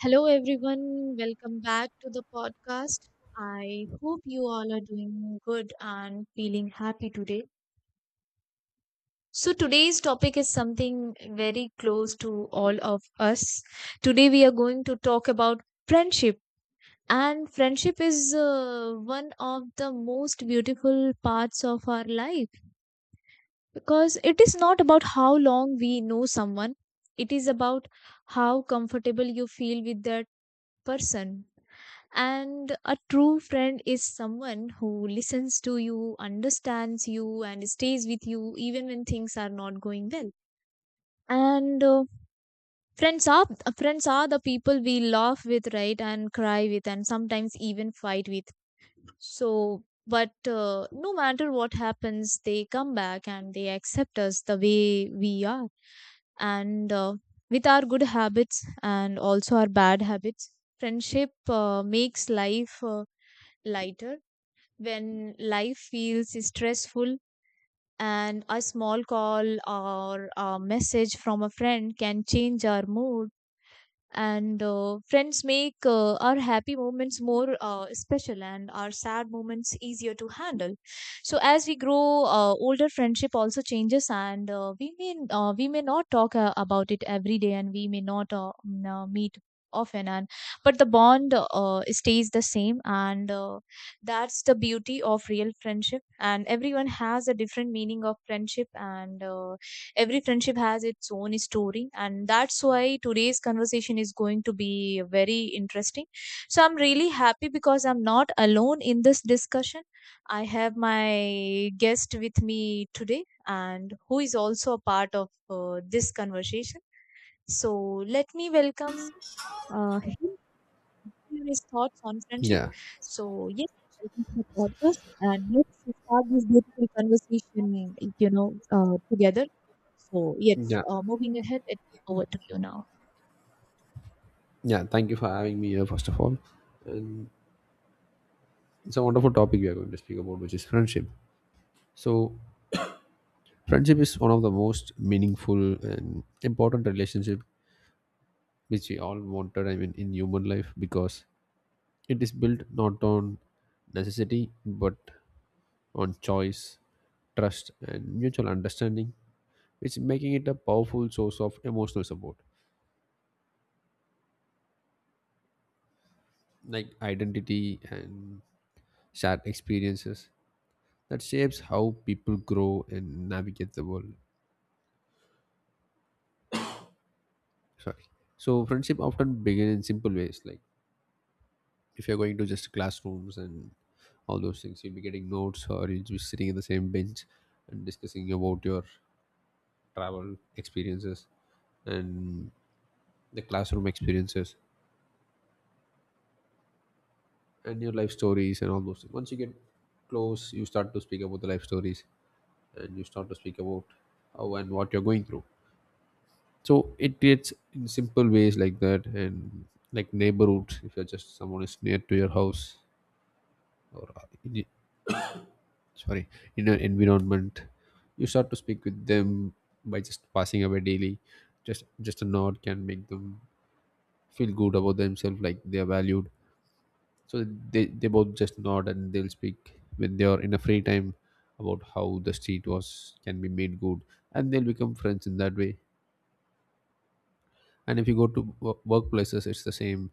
Hello, everyone. Welcome back to the podcast. I hope you all are doing good and feeling happy today. So, today's topic is something very close to all of us. Today, we are going to talk about friendship. And friendship is one of the most beautiful parts of our life because it is not about how long we know someone, it is about how comfortable you feel with that person. And a true friend is someone who listens to you, understands you, and stays with you even when things are not going well. And friends are Friends are the people we laugh with, right, and cry with, and sometimes even fight with. So, but no matter what happens, they come back and they accept us the way we are, and with our good habits and also our bad habits. Friendship makes life lighter when life feels stressful, and a small call or a message from a friend can change our mood. And Friends make our happy moments more special and our sad moments easier to handle. So as we grow older, friendship also changes, and we may not talk about it every day, and we may not meet often. And but the bond stays the same, and that's the beauty of real friendship. And everyone has a different meaning of friendship, and every friendship has its own story, and that's why today's conversation is going to be very interesting. So I'm really happy because I'm not alone in this discussion. I have my guest with me today, and who is also a part of this conversation. So let me welcome him, hear his thoughts on friendship. Yeah, So, yes, welcome to the podcast, and let's start this beautiful conversation, together. So, yes, yeah, uh, moving ahead, it's over to you now. yeah. Thank you for having me here, first of all. And it's a wonderful topic we are going to speak about, which is friendship. So, friendship is one of the most meaningful and important relationship which we all wanted. I mean, in human life, because it is built not on necessity but on choice, trust, and mutual understanding, which making it a powerful source of emotional support, like identity and shared experiences that shapes how people grow and navigate the world. Sorry. So friendship often begin in simple ways, like if you're going to just classrooms and all those things, you'll be getting notes or you'll be sitting in the same bench and discussing about your travel experiences and the classroom experiences and your life stories and all those things. Once you get close, you start to speak about the life stories and you start to speak about how and what you're going through. So it creates in simple ways like that, and like neighborhoods, if you're just someone is near to your house or sorry, in an environment, you start to speak with them by just passing away daily. Just a nod can make them feel good about themselves, like they are valued. So they both just nod, and they'll speak when they are in a free time about how the street was can be made good, and they'll become friends in that way. And if you go to workplaces, it's the same.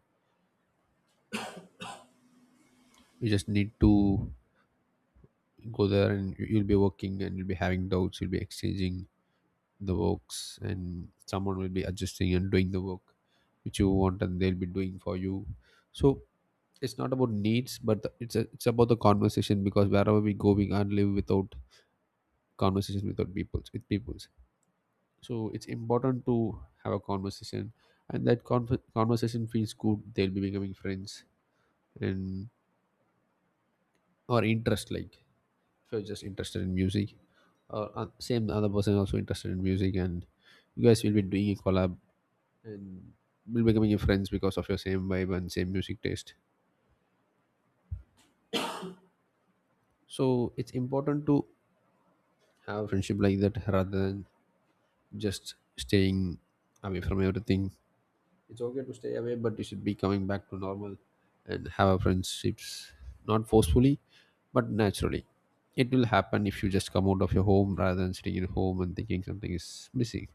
You just need to go there, and you'll be working, and you'll be having doubts, you'll be exchanging the works, and someone will be adjusting and doing the work which you want, and they'll be doing for you. So it's not about needs, but the- it's a, it's about the conversation, because wherever we go we can't live without conversation, without people, with peoples. So it's important to have a conversation, and that conversation feels good, they'll be becoming friends. And or interest, like if you're just interested in music or same other person also interested in music, and you guys will be doing a collab and will becoming your friends because of your same vibe and same music taste. So it's important to have friendship like that rather than just staying away from everything. It's okay to stay away, but you should be coming back to normal and have friendships, not forcefully but naturally. It will happen if you just come out of your home rather than sitting in home and thinking something is missing.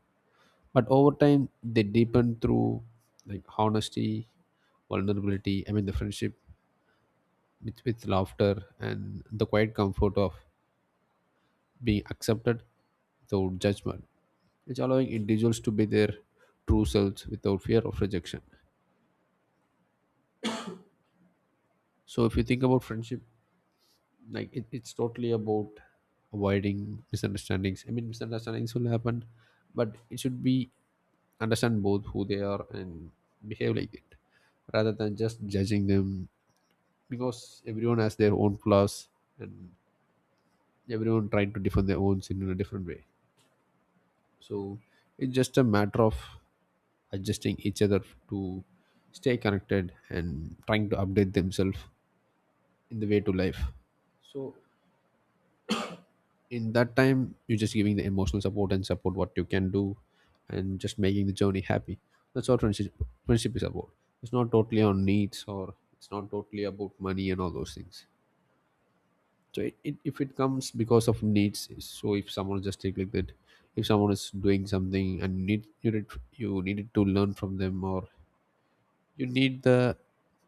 But over time they deepen through like honesty, vulnerability, I mean the friendship, with laughter and the quiet comfort of being accepted without judgment. It's allowing individuals to be their true selves without fear of rejection. So if you think about friendship, like it's totally about avoiding misunderstandings. I mean, misunderstandings will happen, but it should be understand both who they are and behave like it, rather than just judging them, because everyone has their own flaws, and everyone trying to defend their own sin in a different way. So it's just a matter of adjusting each other to stay connected and trying to update themselves in the way to life. So in that time you're just giving the emotional support and support what you can do, and just making the journey happy. That's what friendship, friendship is about. It's not totally on needs, or it's not totally about money and all those things. So if it comes because of needs, so if someone just take like that, if someone is doing something and you needed to learn from them, or you need the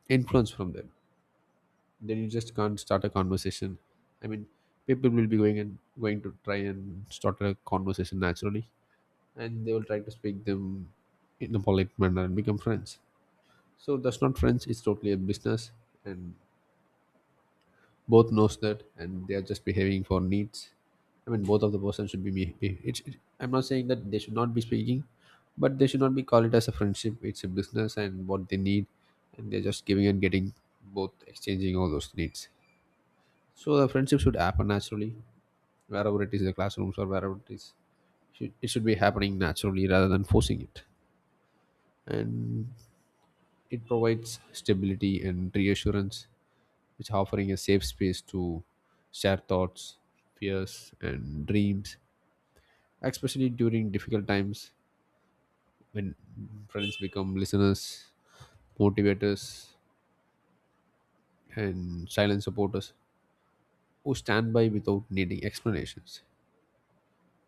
influence from them, then you just can't start a conversation. I mean, people will be going and going to try and start a conversation naturally, and they will try to speak them in a polite manner and become friends. So that's not friends, it's totally a business, and both knows that, and they are just behaving for needs. I mean, both of the person should be- it's it, I'm not saying that they should not be speaking, but they should not be call it as a friendship. It's a business and what they need, and they're just giving and getting, both exchanging all those needs. So the friendship should happen naturally, wherever it is the classrooms or wherever it is. Should, it should be happening naturally rather than forcing it. And it provides stability and reassurance, which offering a safe space to share thoughts, fears, and dreams, especially during difficult times when friends become listeners, motivators, and silent supporters who stand by without needing explanations.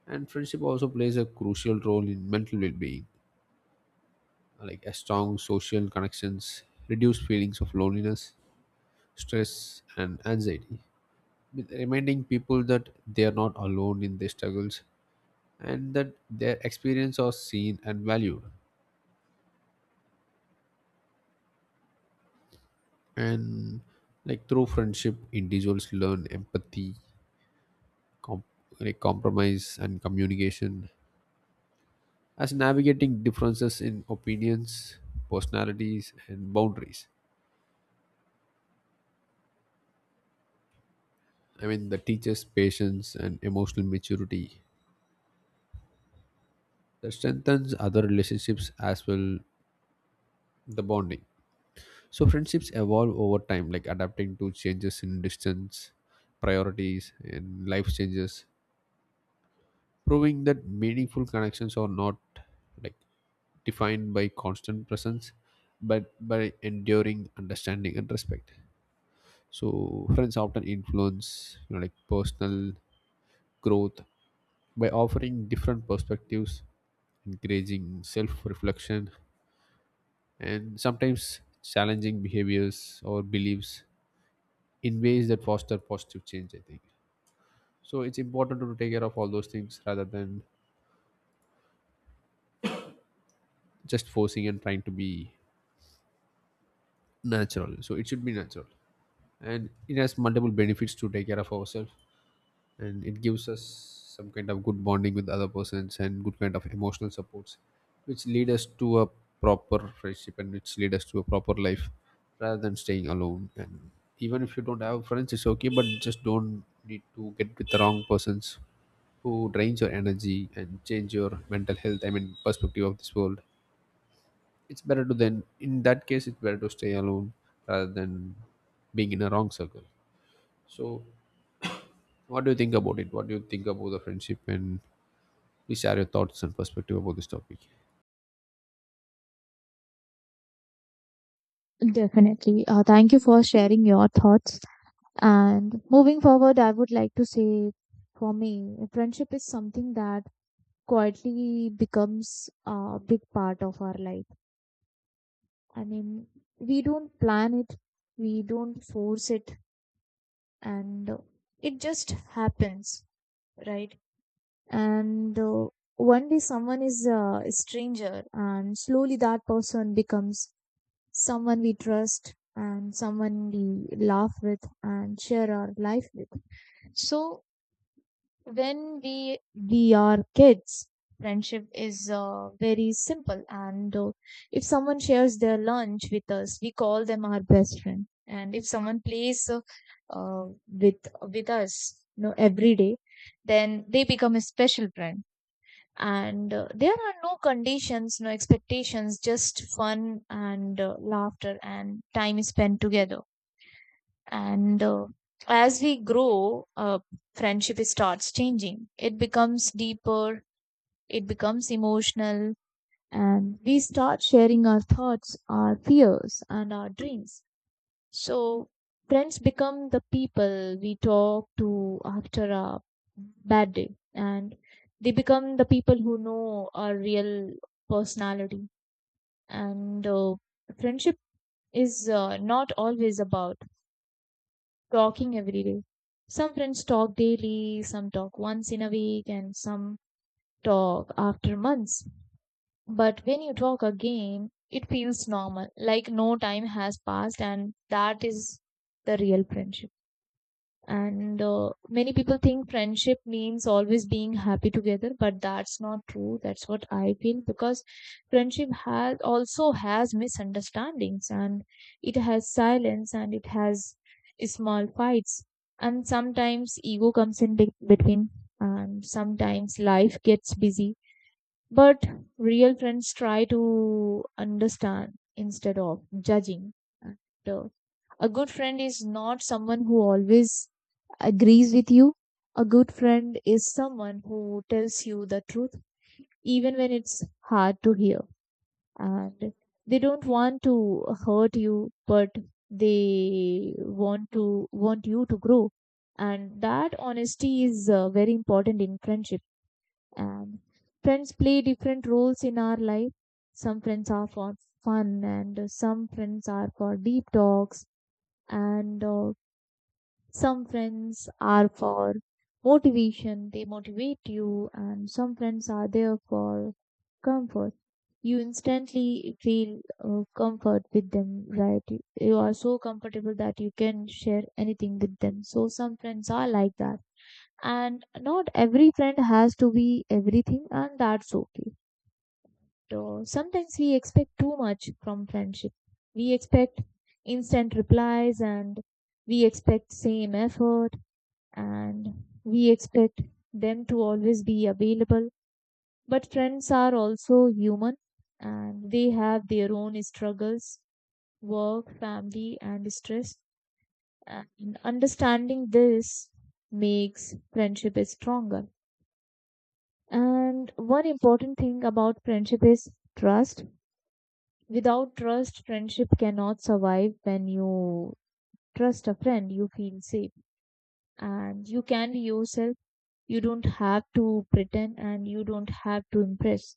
And friendship also plays a crucial role in mental well being, like a strong social connections reduce feelings of loneliness, stress, and anxiety, with reminding people that they are not alone in their struggles and that their experience are seen and valued. And like through friendship individuals learn empathy, com- like compromise and communication, as navigating differences in opinions, personalities and boundaries. I mean, that teaches patience and emotional maturity, that strengthens other relationships as well, the bonding. So friendships evolve over time, like adapting to changes in distance, priorities and life changes, proving that meaningful connections are not like defined by constant presence but by enduring understanding and respect. So friends often influence, you know, like personal growth, by offering different perspectives, encouraging self-reflection, and sometimes challenging behaviors or beliefs in ways that foster positive change, I think. So it's important to take care of all those things rather than just forcing, and trying to be natural, so it should be natural. And it has multiple benefits to take care of ourselves, and it gives us some kind of good bonding with other persons and good kind of emotional supports, which lead us to a proper friendship, and which lead us to a proper life rather than staying alone. And even if you don't have friends, it's okay, but just don't need to get with the wrong persons who drains your energy and change your mental health, I mean perspective of this world. It's better to, then in that case it's better to stay alone rather than being in a wrong circle. So what do you think about it? What do you think about the friendship, and please share your thoughts and perspective about this topic? Definitely. Thank you for sharing your thoughts. And moving forward, I would like to say, for me, friendship is something that quietly becomes a big part of our life. I mean, we don't plan it, we don't force it. And it just happens, right? And one day someone is a stranger, and slowly that person becomes someone we trust and someone we laugh with and share our life with. So when we are kids, friendship is very simple, and if someone shares their lunch with us, we call them our best friend. And if someone plays uh, with us, you know, every day, then they become a special friend. And there are no conditions, no expectations, just fun and laughter and time is spent together. And as we grow, friendship starts changing. It becomes deeper, it becomes emotional, and we start sharing our thoughts, our fears, and our dreams. So friends become the people we talk to after a bad day, and they become the people who know our real personality. And friendship is not always about talking every day. Some friends talk daily, some talk once in a week, and some talk after months. But when you talk again, it feels normal, like no time has passed, and that is the real friendship. And many people think friendship means always being happy together, but that's not true. That's what I feel because friendship has also has misunderstandings, and it has silence, and it has small fights. And sometimes ego comes in between, and sometimes life gets busy. But real friends try to understand instead of judging. And, uh, a good friend is not someone who always agrees with you. A good friend is someone who tells you the truth even when it's hard to hear. And they don't want to hurt you, but they want you to grow. And that honesty is very important in friendship. And friends play different roles in our life. Some friends are for fun, and some friends are for deep talks, and some friends are for motivation, they motivate you, and some friends are there for comfort. You instantly feel comfort with them, right? You are so comfortable that you can share anything with them. So, some friends are like that. And not every friend has to be everything, and that's okay. So, sometimes we expect too much from friendship. We expect instant replies, and we expect same effort, and we expect them to always be available. But friends are also human, and they have their own struggles, work, family, and stress. And understanding this makes friendship stronger. And one important thing about friendship is trust. Without trust, friendship cannot survive. When you trust a friend, you feel safe and you can be yourself. You don't have to pretend and you don't have to impress.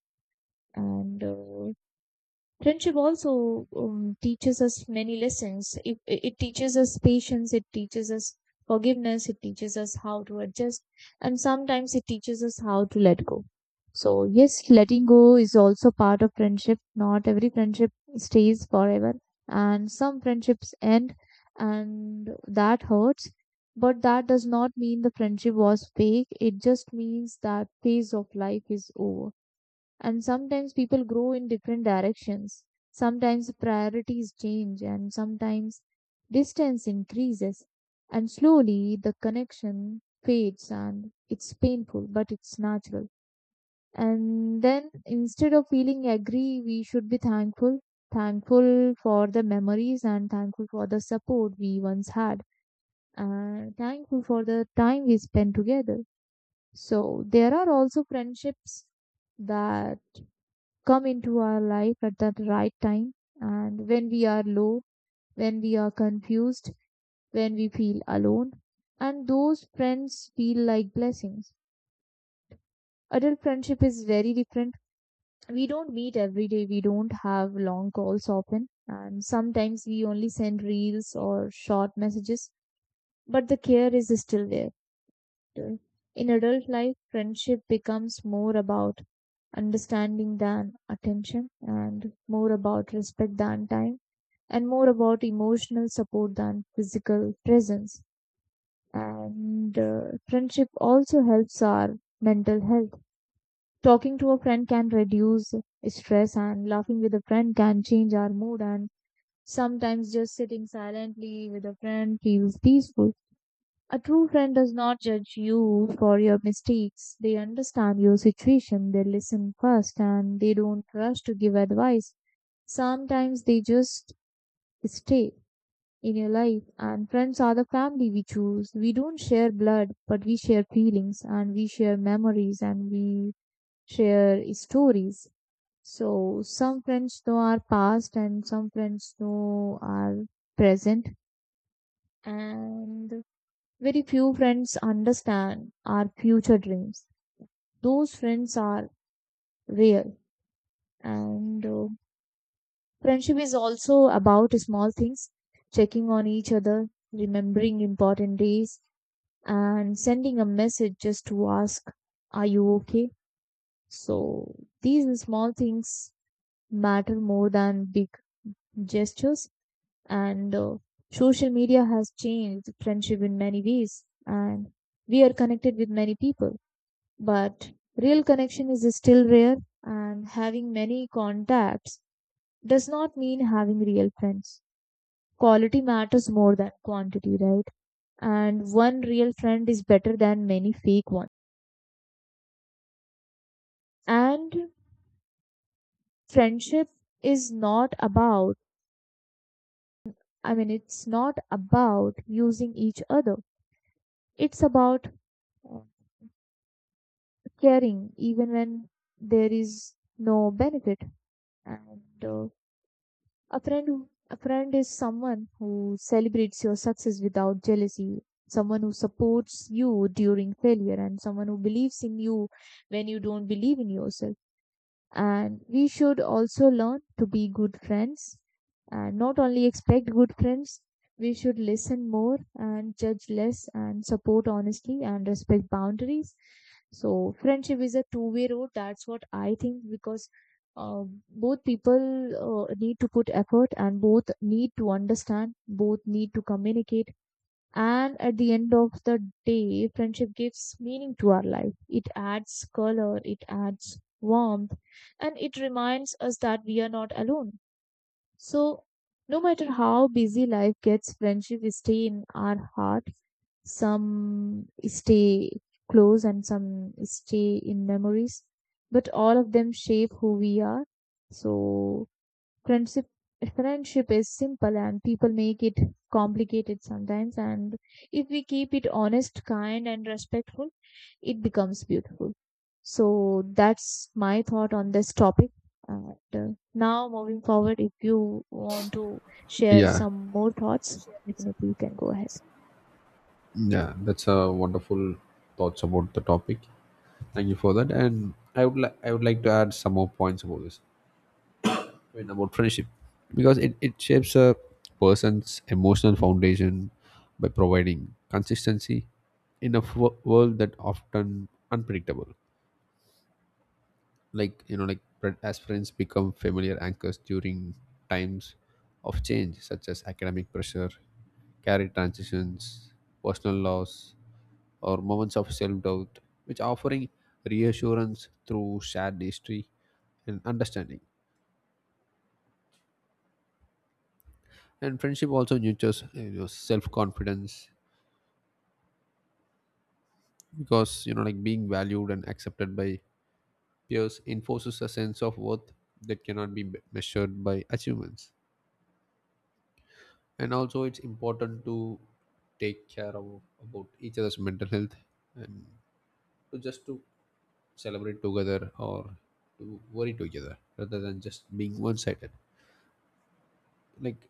And friendship also teaches us many lessons. It teaches us patience, it teaches us forgiveness, it teaches us how to adjust, and sometimes it teaches us how to let go. So, yes, letting go is also part of friendship. Not every friendship stays forever, and some friendships end, and that hurts. But that does not mean the friendship was fake, it just means that phase of life is over. And sometimes people grow in different directions, sometimes priorities change, and sometimes distance increases, and slowly the connection fades. And it's painful but it's natural. And then instead of feeling angry, we should be thankful, thankful for the memories, and thankful for the support we once had, and thankful for the time we spent together. So there are also friendships that come into our life at the right time, and when we are low, when we are confused, when we feel alone. And those friends feel like blessings. Adult friendship is very different. We don't meet every day, we don't have long calls often, and sometimes we only send reels or short messages, but the care is still there. In adult life, friendship becomes more about understanding than attention, and more about respect than time, and more about emotional support than physical presence. And friendship also helps our mental health. Talking to a friend can reduce stress, and laughing with a friend can change our mood. And sometimes just sitting silently with a friend feels peaceful. A true friend does not judge you for your mistakes. They understand your situation. They listen first and they don't rush to give advice. Sometimes they just stay in your life. And friends are the family we choose. We don't share blood, but we share feelings and we share memories and we share stories. So some friends know our past, and some friends know our present, and very few friends understand our future dreams. Those friends are rare. And friendship is also about small things, checking on each other, remembering important days, and sending a message just to ask, are you okay? So these small things matter more than big gestures. And social media has changed friendship in many ways, and we are connected with many people, but real connection is still rare, and having many contacts does not mean having real friends. Quality matters more than quantity, right? And one real friend is better than many fake ones. And friendship is not about, I mean, it's not about using each other. It's about uh, caring even when there is no benefit. And a friend is someone who celebrates your success without jealousy, someone who supports you during failure, and someone who believes in you when you don't believe in yourself. And we should also learn to be good friends and not only expect good friends. We should listen more and judge less and support honestly and respect boundaries. So friendship is a two-way road, that's what I think, because uh, both people need to put effort, and both need to understand, both need to communicate. And at the end of the day, friendship gives meaning to our life. It adds color, it adds warmth, and it reminds us that we are not alone. So, no matter how busy life gets, friendship stay in our heart. Some stay close and some stay in memories, but all of them shape who we are. So, friendship friendship is simple and people make it complicated sometimes, and if we keep it honest, kind and respectful, it becomes beautiful. So that's my thought on this topic. And now moving forward, if you want to share Yeah. some more thoughts, definitely you can go ahead. Yeah, that's a wonderful thoughts about the topic. Thank you for that. And I would like to add some more points about this. I mean, about friendship. Because it shapes a person's emotional foundation by providing consistency in a world that often unpredictable. Like you know, like as friends become familiar anchors during times of change, such as academic pressure, career transitions, personal loss, or moments of self-doubt, which offering reassurance through shared history and understanding. And friendship also nurtures, you know, self-confidence, because you know, like being valued and accepted by peers enforces a sense of worth that cannot be measured by achievements. And also it's important to take care of about each other's mental health, and to just to celebrate together or to worry together rather than just being one-sided. Like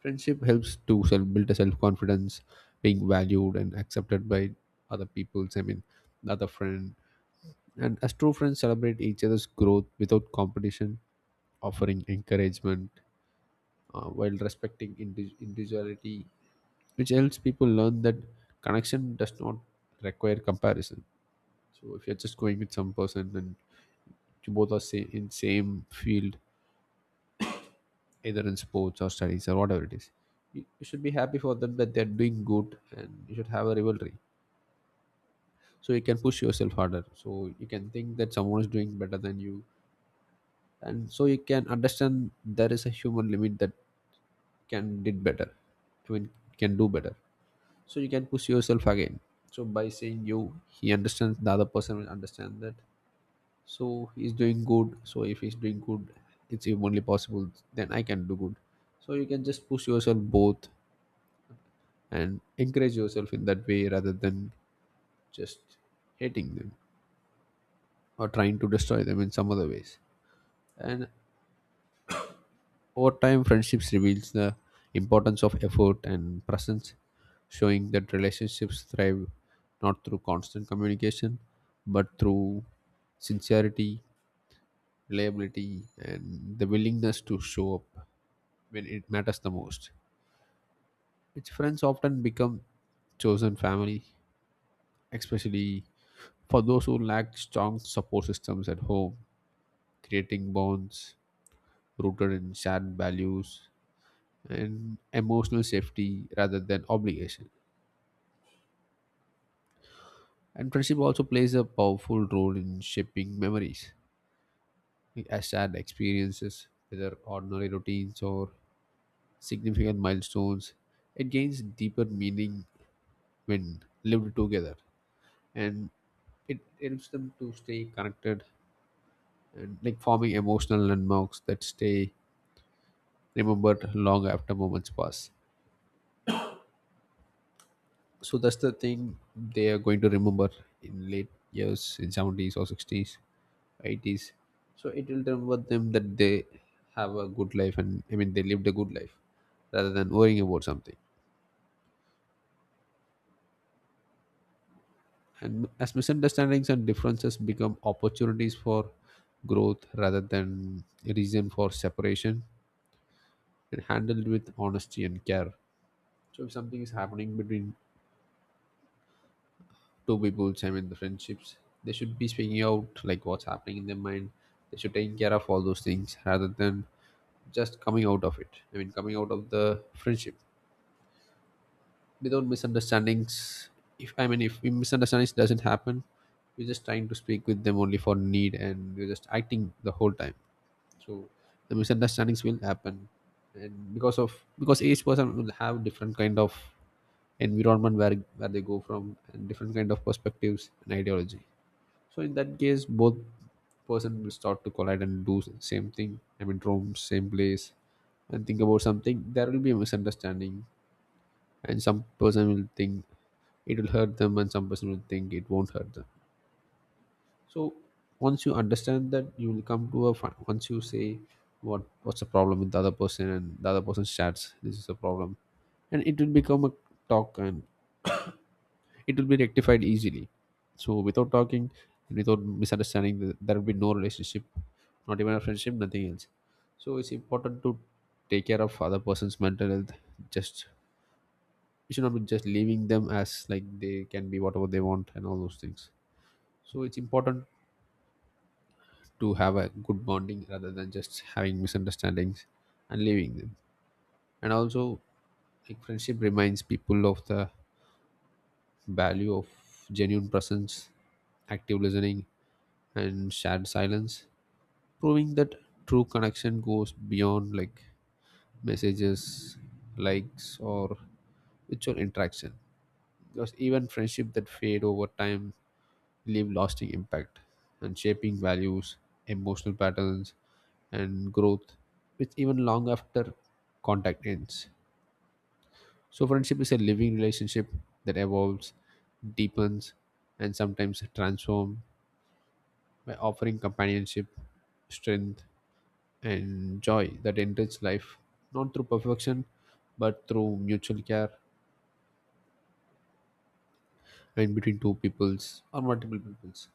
friendship helps to self build a self-confidence, being valued and accepted by other people's, I mean the other friend, and as true friends celebrate each other's growth without competition, offering encouragement, while respecting individuality, which helps people learn that connection does not require comparison. So if you're just going with some person and you both are in same field, either in sports or studies or whatever it is, you should be happy for them that they're doing good, and you should have a rivalry, so you can push yourself harder, so you can think that someone is doing better than you, and so you can understand there is a human limit that can did better, I mean can do better, so you can push yourself again. So by saying, you he understands, the other person will understand that. So he's doing good, so if he's doing good, it's even only possible then I can do good. So you can just push yourself both and encourage yourself in that way rather than just hating them or trying to destroy them in some other ways. And over time, friendships reveals the importance of effort and presence, showing that relationships thrive not through constant communication, but through sincerity, reliability, and the willingness to show up when it matters the most. Which friends often become chosen family, especially for those who lack strong support systems at home, creating bonds rooted in shared values and emotional safety rather than obligation. And friendship also plays a powerful role in shaping memories. As shared experiences, whether ordinary routines or significant milestones, it gains deeper meaning when lived together. And it helps them to stay connected, and like forming emotional landmarks that stay remembered long after moments pass. So that's the thing they are going to remember in late years, in 70s or 60s, 80s. So it will remember them that they have a good life, and I mean they lived a good life rather than worrying about something. And as misunderstandings and differences become opportunities for growth rather than a reason for separation, and handled with honesty and care. So if something is happening between two people's, I mean the friendships, they should be speaking out like what's happening in their mind. They should take care of all those things rather than just coming out of it, I mean coming out of the friendship. Without misunderstandings, if, I mean if misunderstandings doesn't happen, we're just trying to speak with them only for need, and we're just acting the whole time. So the misunderstandings will happen, and because of, because each person will have different kind of environment where they go from, and different kind of perspectives and ideology. So in that case, both person will start to collide and do same thing. I mean, roam same place and think about something. There will be a misunderstanding, and some person will think it will hurt them, and some person will think it won't hurt them. So once you understand that, you will come to a once you say what's the problem with the other person, and the other person starts this is a problem, and it will become a talk, and it will be rectified easily. So without talking and without misunderstanding, there will be no relationship, not even a friendship, nothing else. So it's important to take care of other person's mental health. Just you should not be just leaving them as like they can be whatever they want and all those things. So it's important to have a good bonding rather than just having misunderstandings and leaving them. And also, like friendship reminds people of the value of genuine presence, active listening, and shared silence, proving that true connection goes beyond like messages, likes, or virtual interaction. Because even friendship that fade over time leave lasting impact, and shaping values, emotional patterns, and growth, which even long after contact ends. So, friendship is a living relationship that evolves, deepens, and sometimes transforms by offering companionship, strength, and joy that enrich life, not through perfection, but through mutual care and between two peoples or multiple peoples.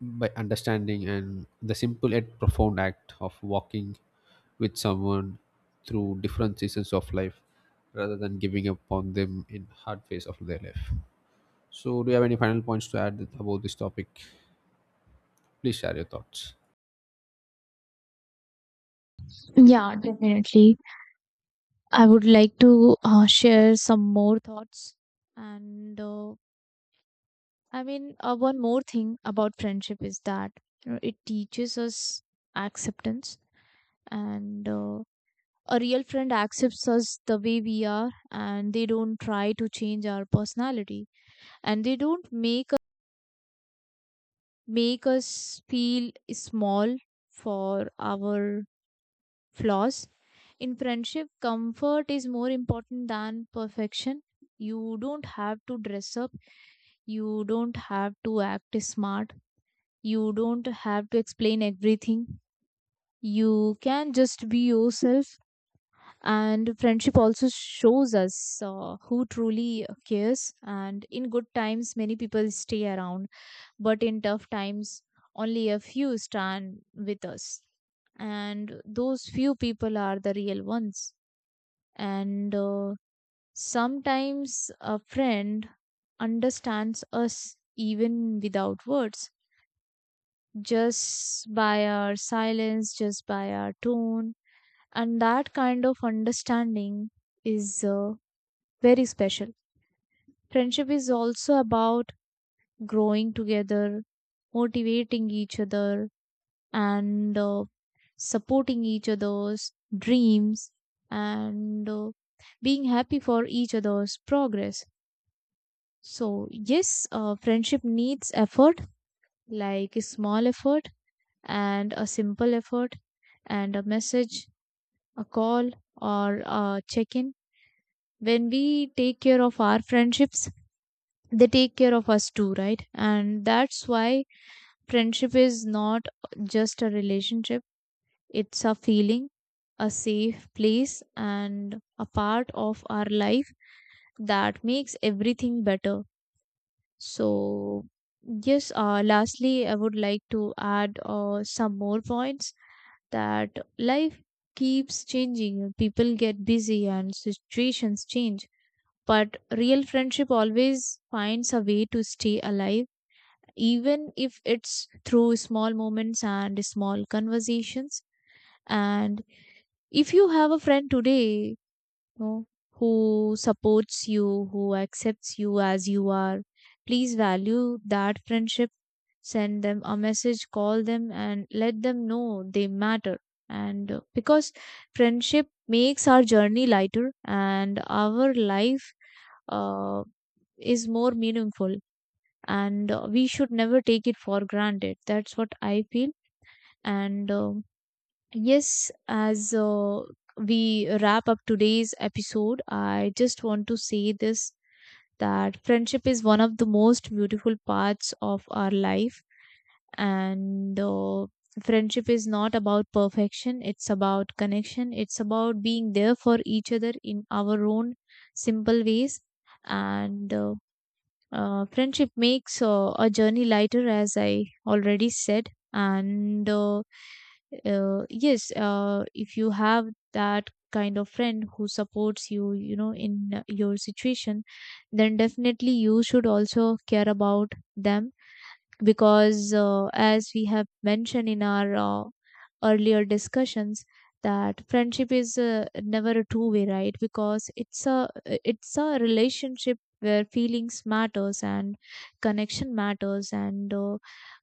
By understanding and the simple yet profound act of walking with someone through different seasons of life rather than giving up on them in hard phase of their life. So, do you have any final points to add about this topic? Please share your thoughts. Yeah, definitely. I would like to share some more thoughts and uh, one more thing about friendship is that you know, it teaches us acceptance, and a real friend accepts us the way we are, and they don't try to change our personality, and they don't make us feel small for our flaws. In friendship, comfort is more important than perfection. You don't have to dress up. You don't have to act smart. You don't have to explain everything. You can just be yourself. And friendship also shows us who truly cares. And in good times, many people stay around, but in tough times, only a few stand with us. And those few people are the real ones. And Sometimes a friend understands us even without words, just by our silence, just by our tone. And that kind of understanding is very special. Friendship is also about growing together, motivating each other, and supporting each other's dreams, and being happy for each other's progress. So, yes, friendship needs effort, like a small effort and a simple effort and a message, a call, or a check in. When we take care of our friendships, they take care of us too, right? And that's why friendship is not just a relationship, it's a feeling, a safe place, and a part of our life that makes everything better. So, yes, lastly, I would like to add some more points that life keeps changing. People get busy and situations change, but real friendship always finds a way to stay alive, even if it's through small moments and small conversations. And if you have a friend today, know, who supports you, who accepts you as you are. Please value that friendship. Send them a message, call them, and let them know they matter. And Because friendship makes our journey lighter and our life uh, is more meaningful, and we should never take it for granted. That's what I feel. And Yes, as we wrap up today's episode, I just want to say this, that friendship is one of the most beautiful parts of our life, and friendship is not about perfection, it's about connection, it's about being there for each other in our own simple ways. And Friendship makes a journey lighter, as I already said. If you have that kind of friend who supports you, you know, in your situation, then definitely you should also care about them, because as we have mentioned in our earlier discussions that friendship is never a two way, right? Because it's a relationship where feelings matters and connection matters, and uh,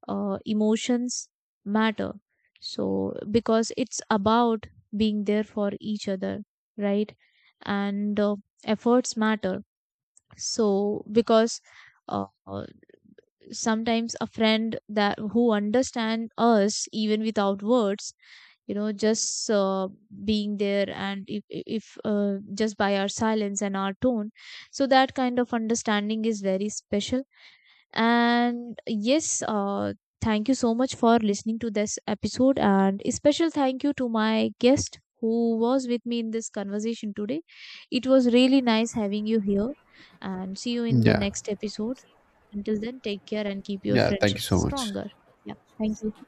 uh, emotions matter, so because it's about being there for each other, right? and Efforts matter, so because uh, sometimes a friend that who understand us even without words, you know, just being there, and if just by our silence and our tone, so that kind of understanding is very special. And yes, thank you so much for listening to this episode, and a special thank you to my guest who was with me in this conversation today. It was really nice having you here, and see you in the Yeah. next episode. Until then, take care and keep your Yeah. Thank you friendship so much. stronger. Yeah, thank you.